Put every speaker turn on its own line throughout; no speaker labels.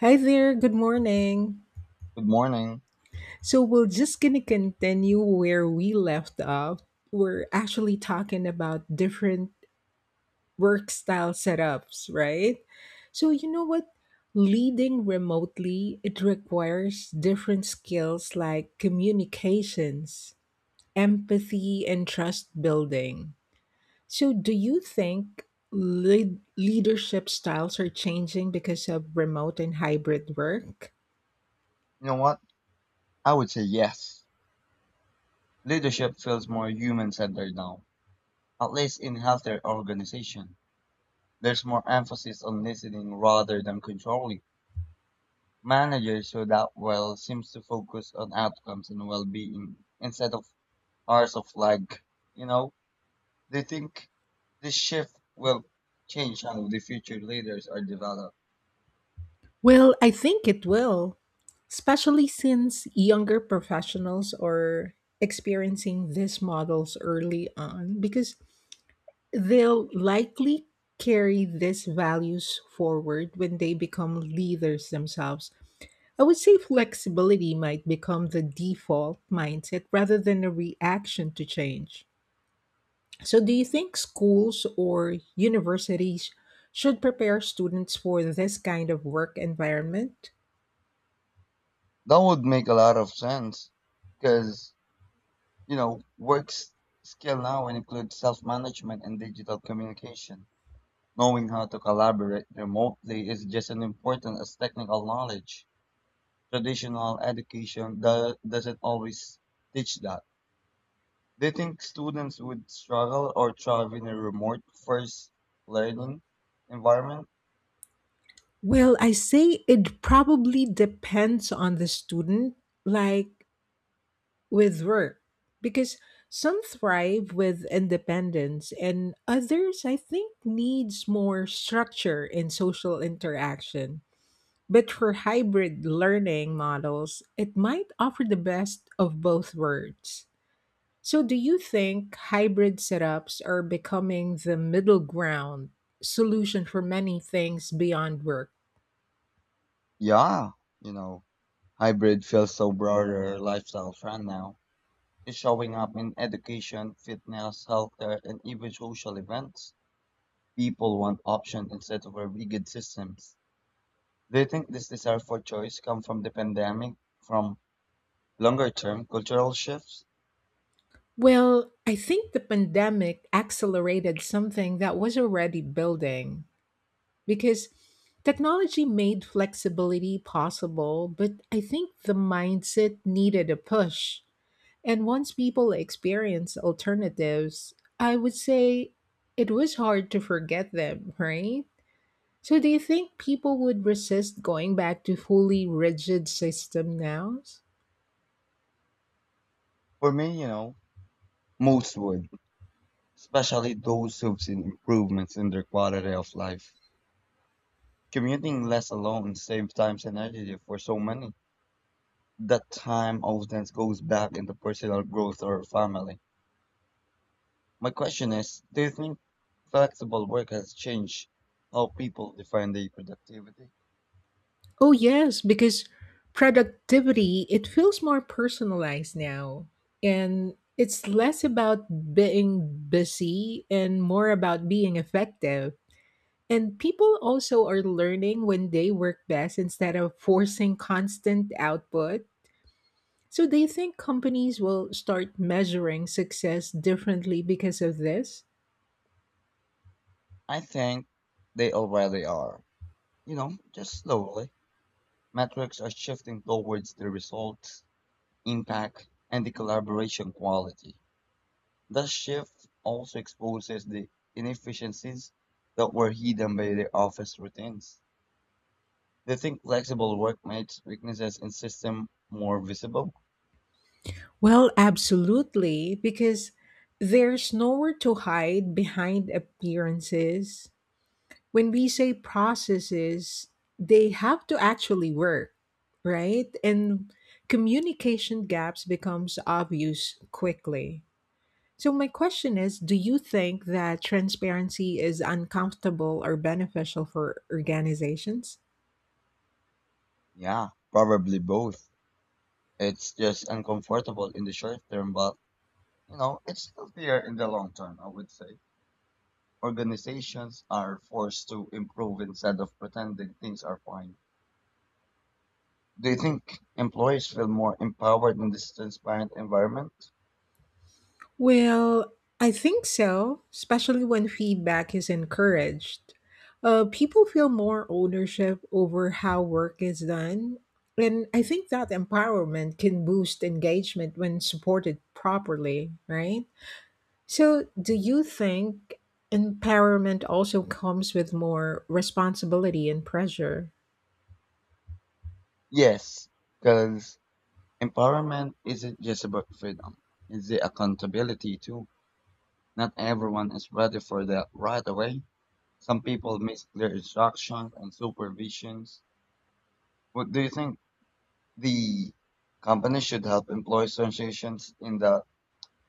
Hi there, good morning.
Good morning.
So we're just gonna continue where we left off. We're actually talking about different work style setups, right? So you know what? Leading remotely, it requires different skills like communications, empathy, and trust building. So do you think leadership styles are changing because of remote and hybrid work?
You know what? I would say yes. Leadership feels more human centered now, at least in healthier organization. There's more emphasis on listening rather than controlling. Managers who that well seems to focus on outcomes and well being instead of hours of lag. You know, they think this shift will change how the future leaders are developed.
Well, I think it will, especially since younger professionals are experiencing these models early on because they'll likely carry these values forward when they become leaders themselves. I would say flexibility might become the default mindset rather than a reaction to change. So, do you think schools or universities should prepare students for this kind of work environment?
That would make a lot of sense because You know, work s- skill now includes self-management and digital communication. Knowing how to collaborate remotely is just as important as technical knowledge. Traditional education doesn't always teach that. Do you think students would struggle or thrive in a remote first learning environment?
Well, I say it probably depends on the student, like with work, because some thrive with independence and others, I think, needs more structure in social interaction. But for hybrid learning models, it might offer the best of both worlds. So, do you think hybrid setups are becoming the middle ground solution for many things beyond work?
Yeah, you know, hybrid feels so broader lifestyle trend now is showing up in education, fitness, healthcare, and even social events. People want options instead of a rigid systems. Do you think this desire for choice come from the pandemic, from longer term cultural shifts?
Well, I think the pandemic accelerated something that was already building because technology made flexibility possible, but I think the mindset needed a push. And once people experience alternatives, I would say it was hard to forget them, right? So, do you think people would resist going back to fully rigid system now?
For me, you know, most would, especially those who've seen improvements in their quality of life. Commuting less alone saves time and energy for so many. That time often goes back into personal growth or family. My question is, do you think flexible work has changed how people define their productivity?
Oh yes, because productivity, it feels more personalized now. And it's less about being busy and more about being effective. And people also are learning when they work best instead of forcing constant output. So they think companies will start measuring success differently because of this?
I think they already are. You know, just slowly. Metrics are shifting towards the results, impact, and the collaboration quality. The shift also exposes the inefficiencies that were hidden by the office routines. They think flexible work makes weaknesses in system more visible?
Well, absolutely, because there's nowhere to hide behind appearances when we say processes, they have to actually work, right? And communication gaps becomes obvious quickly. So my question is, do you think that transparency is uncomfortable or beneficial for organizations?
Yeah, probably both. It's just uncomfortable in the short term, but you know, it's healthier in the long term, I would say. Organizations are forced to improve instead of pretending things are fine. Do you think employees feel more empowered in this transparent environment?
Well, I think so, especially when feedback is encouraged. People feel more ownership over how work is done. And I think that empowerment can boost engagement when supported properly, right? So, do you think empowerment also comes with more responsibility and pressure?
Yes, because empowerment isn't just about freedom, it's the accountability too. Not everyone is ready for that right away. Some people miss clear instructions and supervisions. What do you think the company should help employees associations in the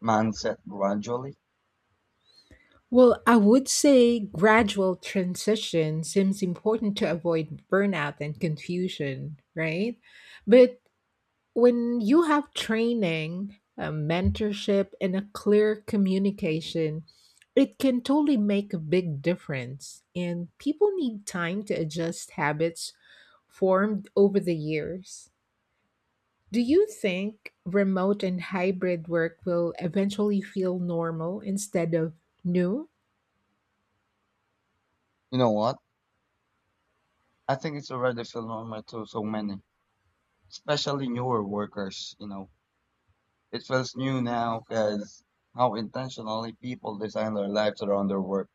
mindset gradually?
Well, I would say gradual transition seems important to avoid burnout and confusion, right? But when you have training, a mentorship, and a clear communication, it can totally make a big difference. And people need time to adjust habits formed over the years. Do you think remote and hybrid work will eventually feel normal instead of new?
You know what? I think it's already feel normal to so many, especially newer workers. You know, it feels new now because how intentionally people design their lives around their work.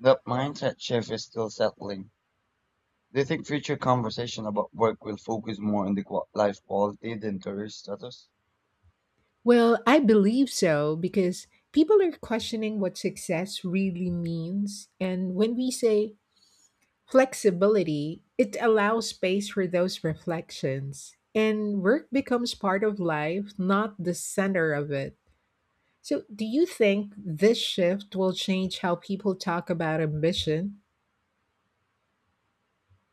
That mindset shift is still settling. Do you think future conversation about work will focus more on the life quality than career status?
Well, I believe so because people are questioning what success really means. And when we say flexibility, it allows space for those reflections. And work becomes part of life, not the center of it. So, do you think this shift will change how people talk about ambition?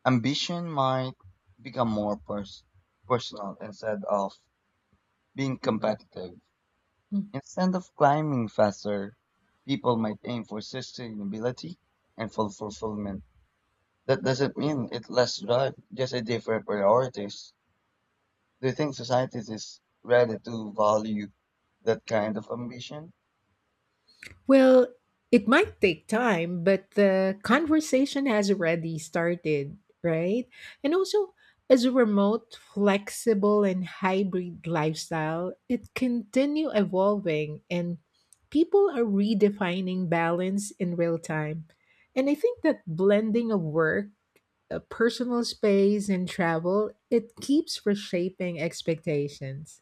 Ambition might become more personal instead of being competitive. Instead of climbing faster, people might aim for sustainability and full fulfillment. That doesn't mean it's less drive, just a different priorities. Do you think society is ready to value that kind of ambition?
Well, it might take time, but the conversation has already started, right? And also, as a remote, flexible, and hybrid lifestyle, it continue evolving and people are redefining balance in real time. And I think that blending of work, personal space, and travel, it keeps reshaping expectations.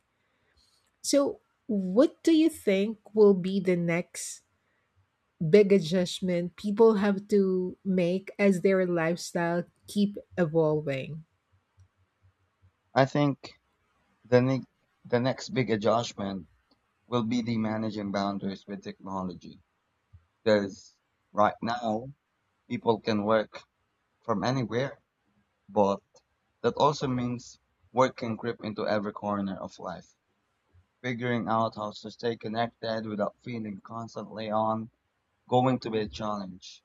So, what do you think will be the next big adjustment people have to make as their lifestyle keep evolving?
I think the, ne- the next big adjustment will be the managing boundaries with technology. Because right now, people can work from anywhere, but that also means work can creep into every corner of life. Figuring out how to stay connected without feeling constantly on going to be a challenge.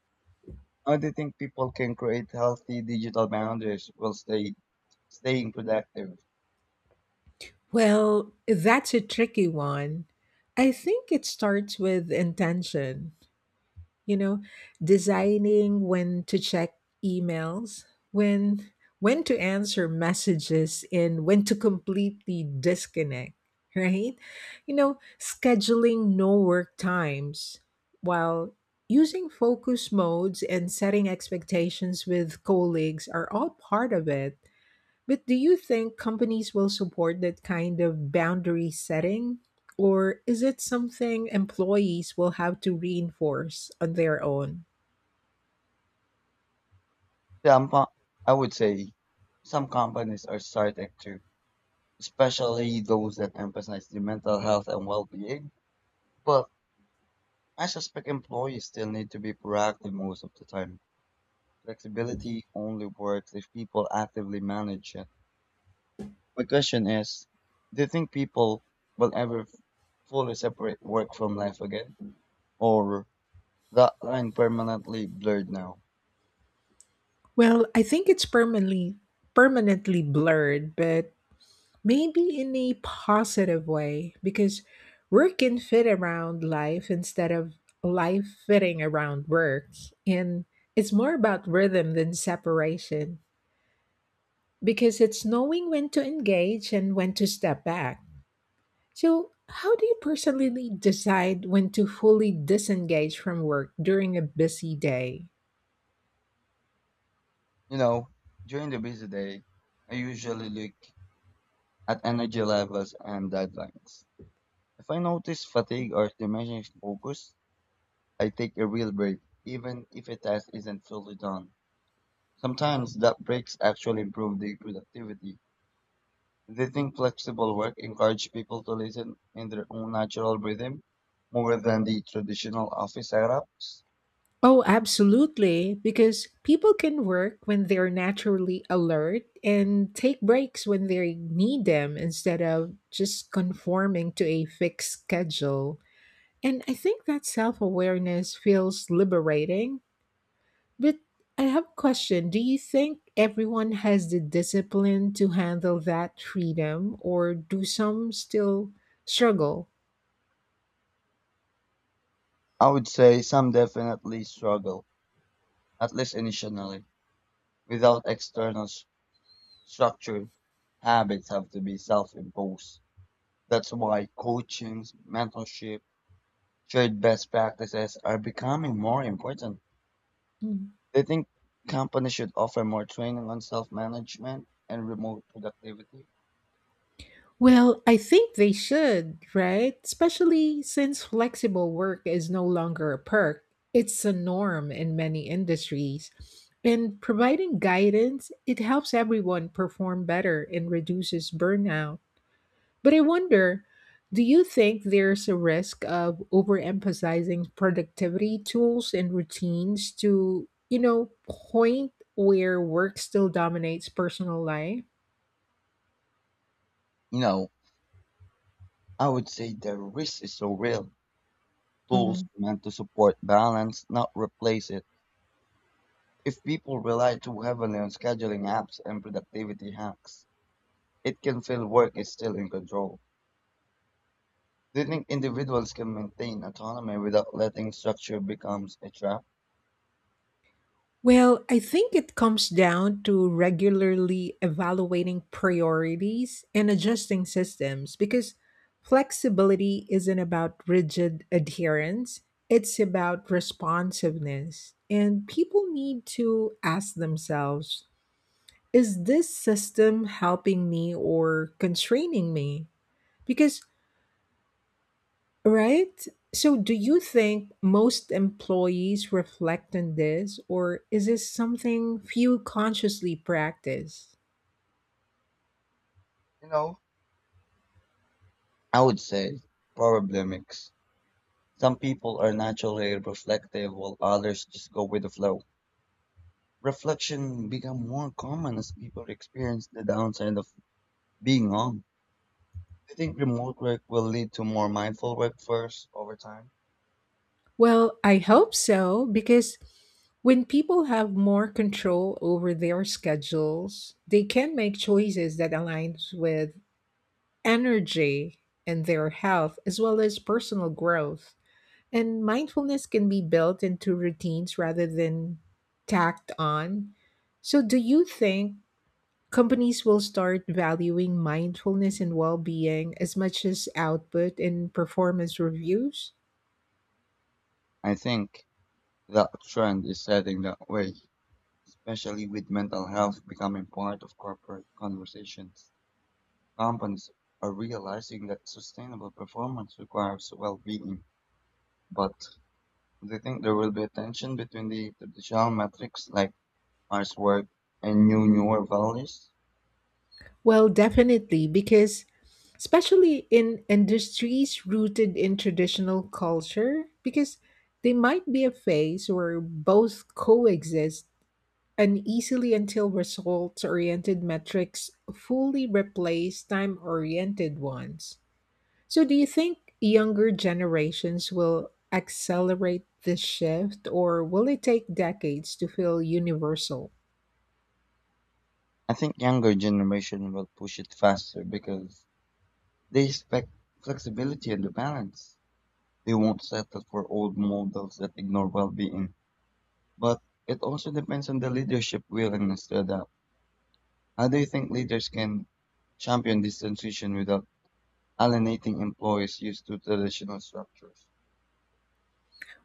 How do you think people can create healthy digital boundaries while staying productive?
Well, that's a tricky one. I think it starts with intention. You know, designing when to check emails, when when to answer messages, and when to completely disconnect, right? You know, scheduling no work times while using focus modes and setting expectations with colleagues are all part of it. But do you think companies will support that kind of boundary setting? Or is it something employees will have to reinforce on their own?
Some, co- I would say some companies are starting to, especially those that emphasize the mental health and well-being. But I suspect employees still need to be proactive most of the time. Flexibility only works if people actively manage it. My question is, do you think people will ever fully separate work from life again? Or that line permanently blurred now?
Well, I think it's permanently blurred, but maybe in a positive way because work can fit around life instead of life fitting around work. And it's more about rhythm than separation because it's knowing when to engage and when to step back. So, how do you personally decide when to fully disengage from work during a busy day?
You know, during the busy day, I usually look at energy levels and deadlines. If I notice fatigue or diminishing focus, I take a real break, even if a task isn't fully done. Sometimes that breaks actually improve the productivity. They think flexible work encourage people to listen in their own natural rhythm more than the traditional office setups.
Oh, absolutely, because people can work when they're naturally alert and take breaks when they need them instead of just conforming to a fixed schedule. And I think that self awareness feels liberating. But I have a question. Do you think everyone has the discipline to handle that freedom, or do some still struggle?
I would say some definitely struggle, at least initially, without external structured habits have to be self-imposed. That's why coaching, mentorship, shared best practices are becoming more important.
Mm.
They think companies should offer more training on self-management and remote productivity.
Well, I think they should, right? Especially since flexible work is no longer a perk, it's a norm in many industries. And providing guidance, it helps everyone perform better and reduces burnout. But I wonder, do you think there's a risk of overemphasizing productivity tools and routines to, you know, point where work still dominates personal life?
You know, I would say the risk is so real. Tools
Mhm.
are meant to support balance, not replace it. If people rely too heavily on scheduling apps and productivity hacks, it can feel work is still in control. Do you think individuals can maintain autonomy without letting structure becomes a trap?
Well, I think it comes down to regularly evaluating priorities and adjusting systems because flexibility isn't about rigid adherence, it's about responsiveness. And people need to ask themselves, is this system helping me or constraining me? Because, right? So, do you think most employees reflect on this, or is this something few consciously practice?
You know, I would say probably a mix. Some people are naturally reflective while others just go with the flow. Reflection become more common as people experience the downside of being on. Do you think remote work will lead to more mindful workforce over time?
Well, I hope so, because when people have more control over their schedules, they can make choices that aligns with energy and their health as well as personal growth. And mindfulness can be built into routines rather than tacked on. So, do you think companies will start valuing mindfulness and well being as much as output and performance reviews?
I think that trend is setting that way, especially with mental health becoming part of corporate conversations. Companies are realizing that sustainable performance requires well-being, but do you think there will be a tension between the traditional metrics like hard work and newer values?
Well, definitely, because especially in industries rooted in traditional culture, because they might be a phase where both coexist An easily until results-oriented metrics fully replace time-oriented ones. So do you think younger generations will accelerate this shift or will it take decades to feel universal?
I think younger generation will push it faster because they expect flexibility and the balance. They won't settle for old models that ignore well-being. But it also depends on the leadership willingness to adapt. How do you think leaders can champion this transition without alienating employees used to traditional structures?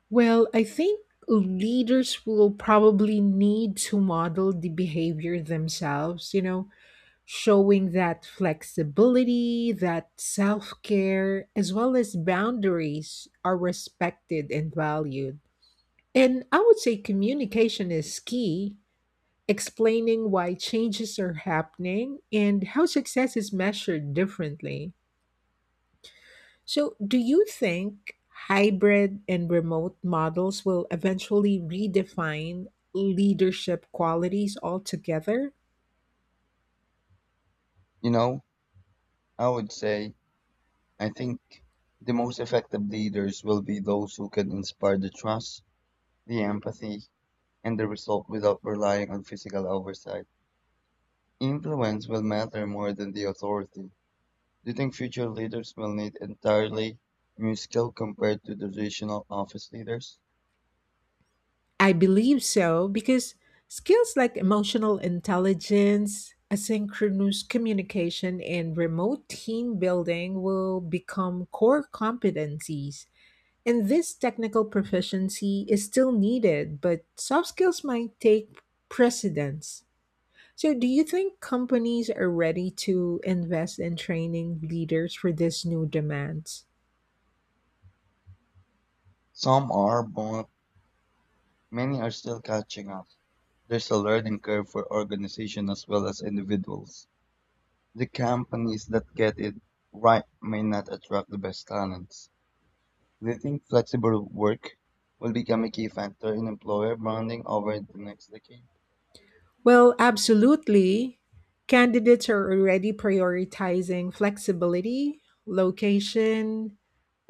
Well, I think leaders will probably need to model the behavior themselves, you know, showing that flexibility, that self care, as well as boundaries are respected and valued. And I would say communication is key, explaining why changes are happening and how success is measured differently. So, do you think hybrid and remote models will eventually redefine leadership qualities altogether?
You know, I would say I think the most effective leaders will be those who can inspire the trust, the empathy, and the result without relying on physical oversight. Influence will matter more than the authority. Do you think future leaders will need entirely new skill compared to the traditional office leaders?
I believe so because skills like emotional intelligence, asynchronous communication, and remote team building will become core competencies. And this technical proficiency is still needed, but soft skills might take precedence. So, do you think companies are ready to invest in training leaders for these new demands?
Some are, but many are still catching up. There's a learning curve for organizations as well as individuals. The companies that get it right may not attract the best talents. Do you think flexible work will become a key factor in employer branding over the next decade?
Well, absolutely. Candidates are already prioritizing flexibility, location,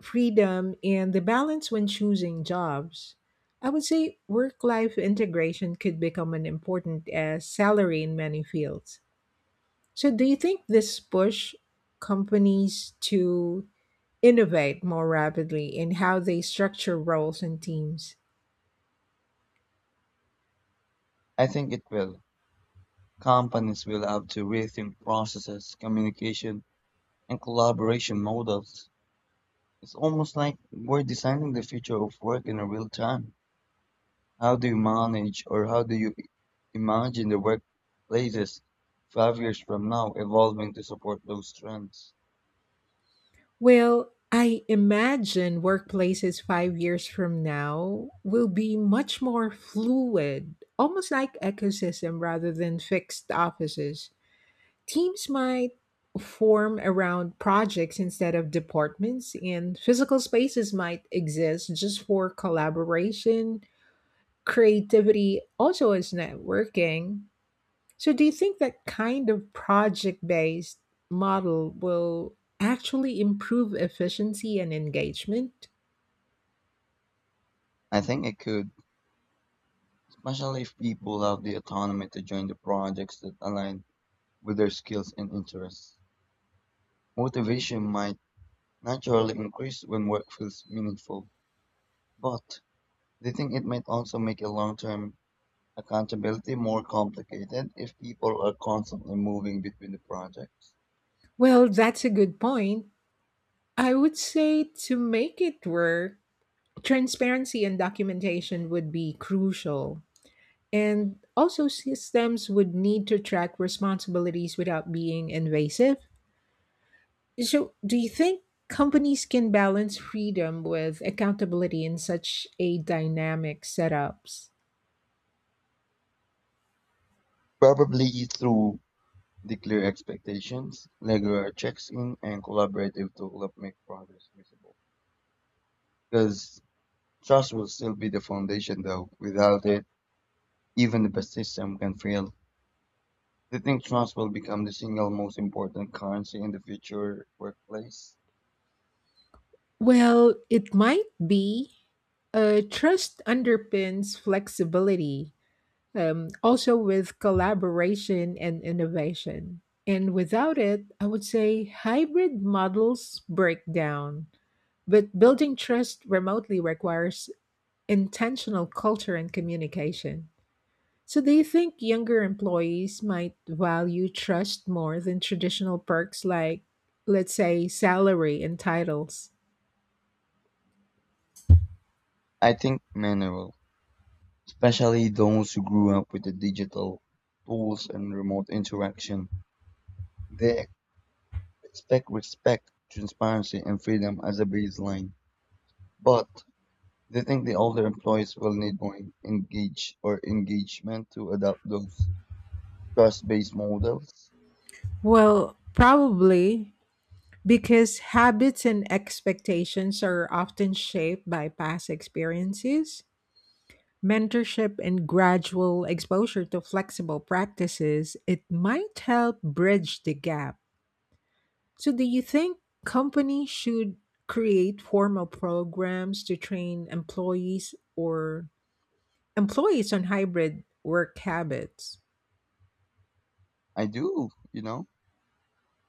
freedom, and the balance when choosing jobs. I would say work life integration could become an important as salary in many fields. So, do you think this push companies to innovate more rapidly in how they structure roles and teams?
I think it will. Companies will have to rethink processes, communication, and collaboration models. It's almost like we're designing the future of work in a real time. How do you manage or how do you imagine the workplaces 5 years from now evolving to support those trends?
Well, I imagine workplaces 5 years from now will be much more fluid, almost like ecosystem rather than fixed offices. Teams might form around projects instead of departments, and physical spaces might exist just for collaboration, creativity, also as networking. So, do you think that kind of project based model will actually improve efficiency and engagement?
I think it could, especially if people have the autonomy to join the projects that align with their skills and interests. Motivation might naturally increase when work feels meaningful, but they think it might also make a long term accountability more complicated if people are constantly moving between the projects.
Well, that's a good point. I would say to make it work, transparency and documentation would be crucial. And also, systems would need to track responsibilities without being invasive. So, do you think companies can balance freedom with accountability in such a dynamic setups?
Probably through the clear expectations, regular checks in, and collaborative tools that make progress visible. Because trust will still be the foundation, though. Without it, even the best system can fail. Do you think trust will become the single most important currency in the future workplace?
Well, it might be. Trust underpins flexibility, also with collaboration and innovation. And without it, I would say hybrid models break down. But building trust remotely requires intentional culture and communication. So, do you think younger employees might value trust more than traditional perks like, let's say, salary and titles?
I think many will, especially those who grew up with the digital tools and remote interaction. They expect respect, transparency, and freedom as a baseline. But they think the older employees will need more engagement to adopt those trust-based models.
Well, probably because habits and expectations are often shaped by past experiences. Mentorship and gradual exposure to flexible practices, it might help bridge the gap. So, do you think companies should create formal programs to train employees or employees on hybrid work habits?
I do, you know,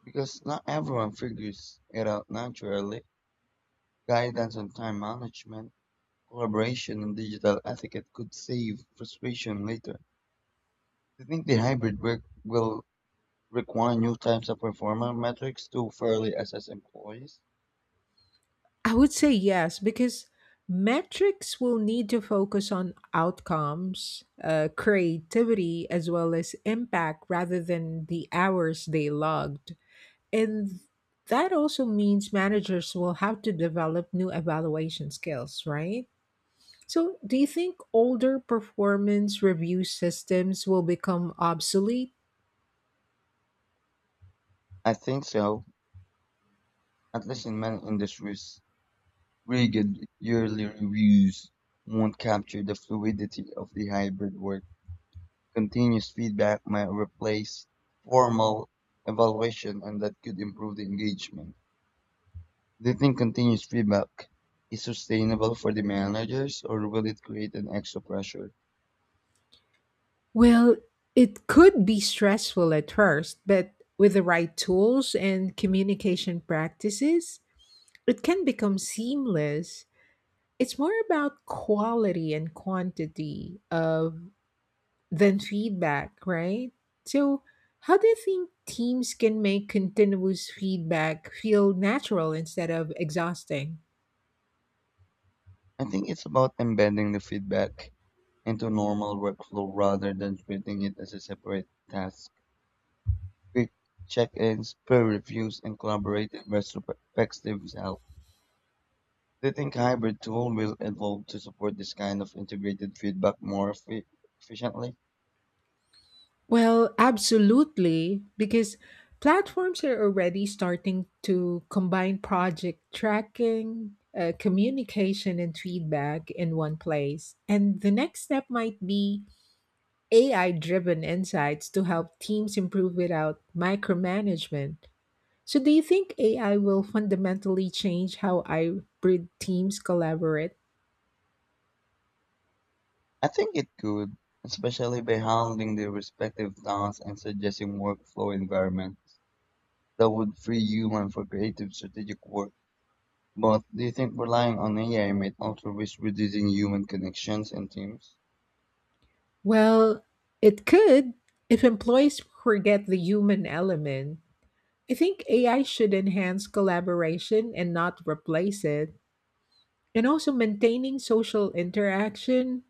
because not everyone figures it out naturally. Guidance on time management, collaboration, and digital etiquette could save frustration later. Do you think the hybrid work will require new types of performance metrics to fairly assess employees?
I would say yes, because metrics will need to focus on outcomes, creativity, as well as impact rather than the hours they logged. And that also means managers will have to develop new evaluation skills, right? So, do you think older performance review systems will become obsolete?
I think so. At least in many industries, rigid yearly reviews won't capture the fluidity of the hybrid work. Continuous feedback might replace formal evaluation, and that could improve the engagement. Do you think continuous feedback is sustainable for the managers or will it create an extra pressure?
Well, it could be stressful at first, but with the right tools and communication practices, it can become seamless. It's more about quality and quantity of than feedback, right? So, how do you think teams can make continuous feedback feel natural instead of exhausting?
I think it's about embedding the feedback into normal workflow rather than treating it as a separate task. Quick check-ins, peer reviews, and collaborative retrospectives help. Do you think hybrid tool will evolve to support this kind of integrated feedback more efficiently?
Well, absolutely, because platforms are already starting to combine project tracking, communication, and feedback in one place. And the next step might be AI driven insights to help teams improve without micromanagement. So, do you think AI will fundamentally change how hybrid teams collaborate?
I think it could, especially by handling the respective tasks and suggesting workflow environments that would free human for creative strategic work. But do you think relying on AI might also risk reducing human connections and teams?
Well, it could if employees forget the human element. I think AI should enhance collaboration and not replace it. And also maintaining social interaction,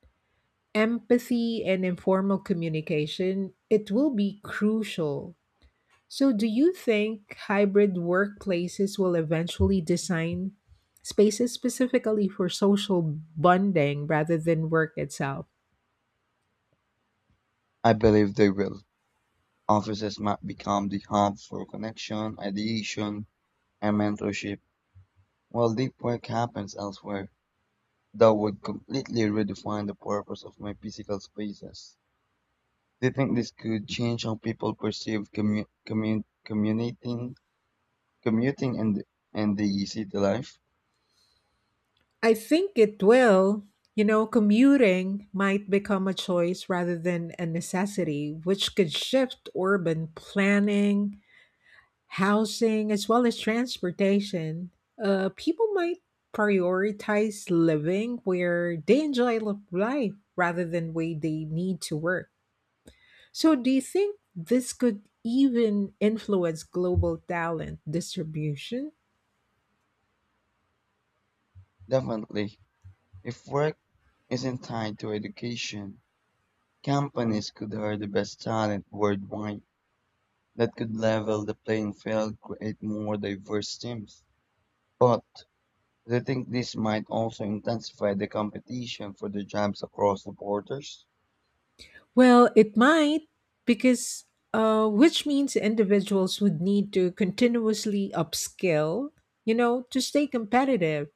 empathy, and informal communication, it will be crucial. So, do you think hybrid workplaces will eventually design spaces specifically for social bonding rather than work itself?
I believe they will. Offices might become the hub for connection, ideation, and mentorship, while deep work happens elsewhere. That would completely redefine the purpose of my physical spaces. Do you think this could change how people perceive commuting, commuting and, and the city life?
I think it will. You know, commuting might become a choice rather than a necessity, which could shift urban planning, housing, as well as transportation. People might prioritize living where they enjoy life rather than where they need to work. So, do you think this could even influence global talent distribution?
Definitely. If work isn't tied to education, companies could hire the best talent worldwide. That could level the playing field, create more diverse teams. But they think this might also intensify the competition for the jobs across the borders.
Well, it might, because which means individuals would need to continuously upskill, you know, to stay competitive.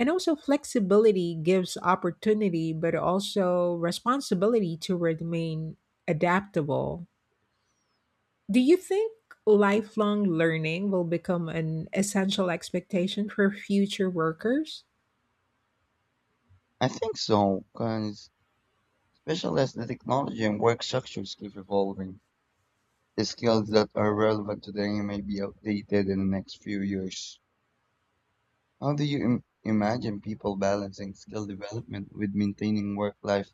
And also, flexibility gives opportunity, but also responsibility to remain adaptable. Do you think lifelong learning will become an essential expectation for future workers?
I think so, because especially as the technology and work structures keep evolving, the skills that are relevant today may be outdated in the next few years. How do you imagine people balancing skill development with maintaining work-life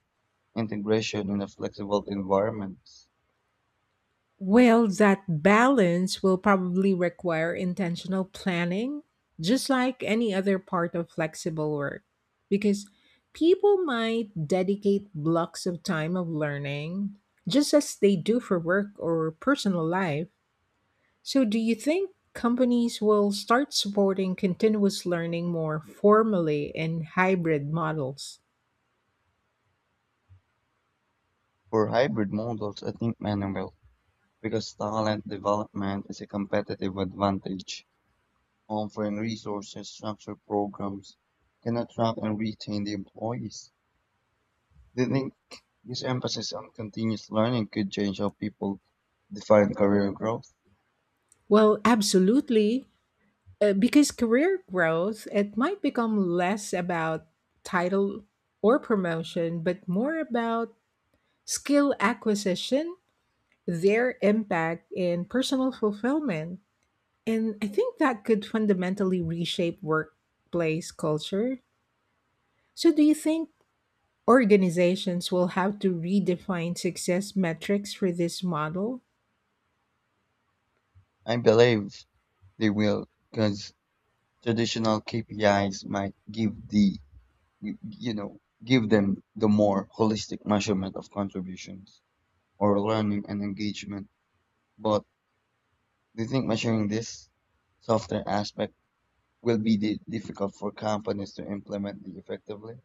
integration in a flexible environment?
Well, that balance will probably require intentional planning, just like any other part of flexible work, because people might dedicate blocks of time of learning just as they do for work or personal life. So, do you think companies will start supporting continuous learning more formally in hybrid models?
For hybrid models, I think manual, because talent development is a competitive advantage, offering resources, structured programs can attract and retain the employees. Do you think this emphasis on continuous learning could change how people define career growth?
Well, absolutely. Because career growth, it might become less about title or promotion, but more about skill acquisition, their impact, in personal fulfillment. And I think that could fundamentally reshape workplace culture. So, do you think organizations will have to redefine success metrics for this model?
I believe they will, because traditional KPIs might give the you you know give them the more holistic measurement of contributions or learning and engagement. But do you think measuring this software aspect will be difficult for companies to implement it effectively?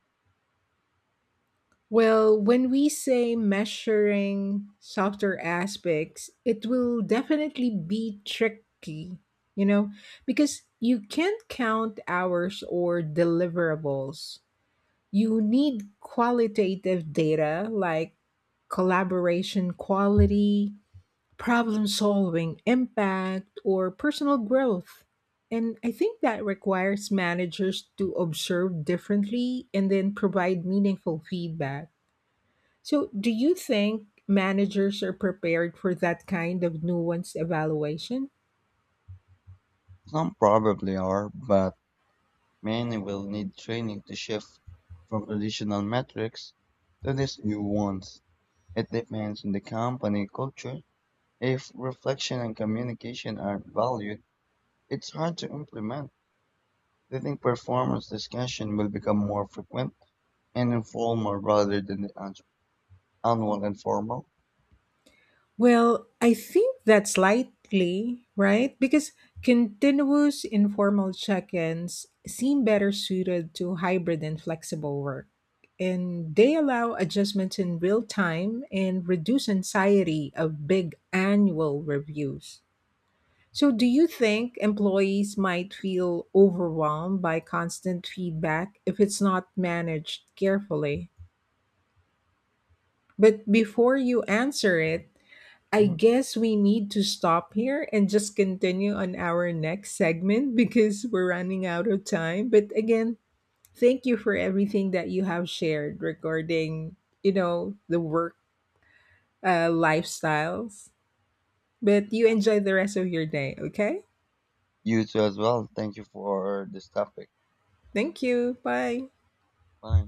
Well, when we say measuring softer aspects, it will definitely be tricky, you know, because you can't count hours or deliverables. You need qualitative data like collaboration quality, problem solving impact, or personal growth. And I think that requires managers to observe differently and then provide meaningful feedback. So, do you think managers are prepared for that kind of nuanced evaluation?
Some probably are, but many will need training to shift from traditional metrics to these new ones. It depends on the company culture. If reflection and communication aren't valued, it's hard to implement. They think performance discussion will become more frequent and informal rather than annual and formal.
Well, I think that's likely, right? Because continuous informal check ins seem better suited to hybrid and flexible work. And they allow adjustments in real time and reduce anxiety of big annual reviews. So, do you think employees might feel overwhelmed by constant feedback if it's not managed carefully? But before you answer it, I
Mhm.
guess we need to stop here and just continue on our next segment because we're running out of time. But again, thank you for everything that you have shared regarding, you know, the work lifestyles. But you enjoy the rest of your day, okay?
You too as well. Thank you for this topic.
Thank you. Bye.
Bye.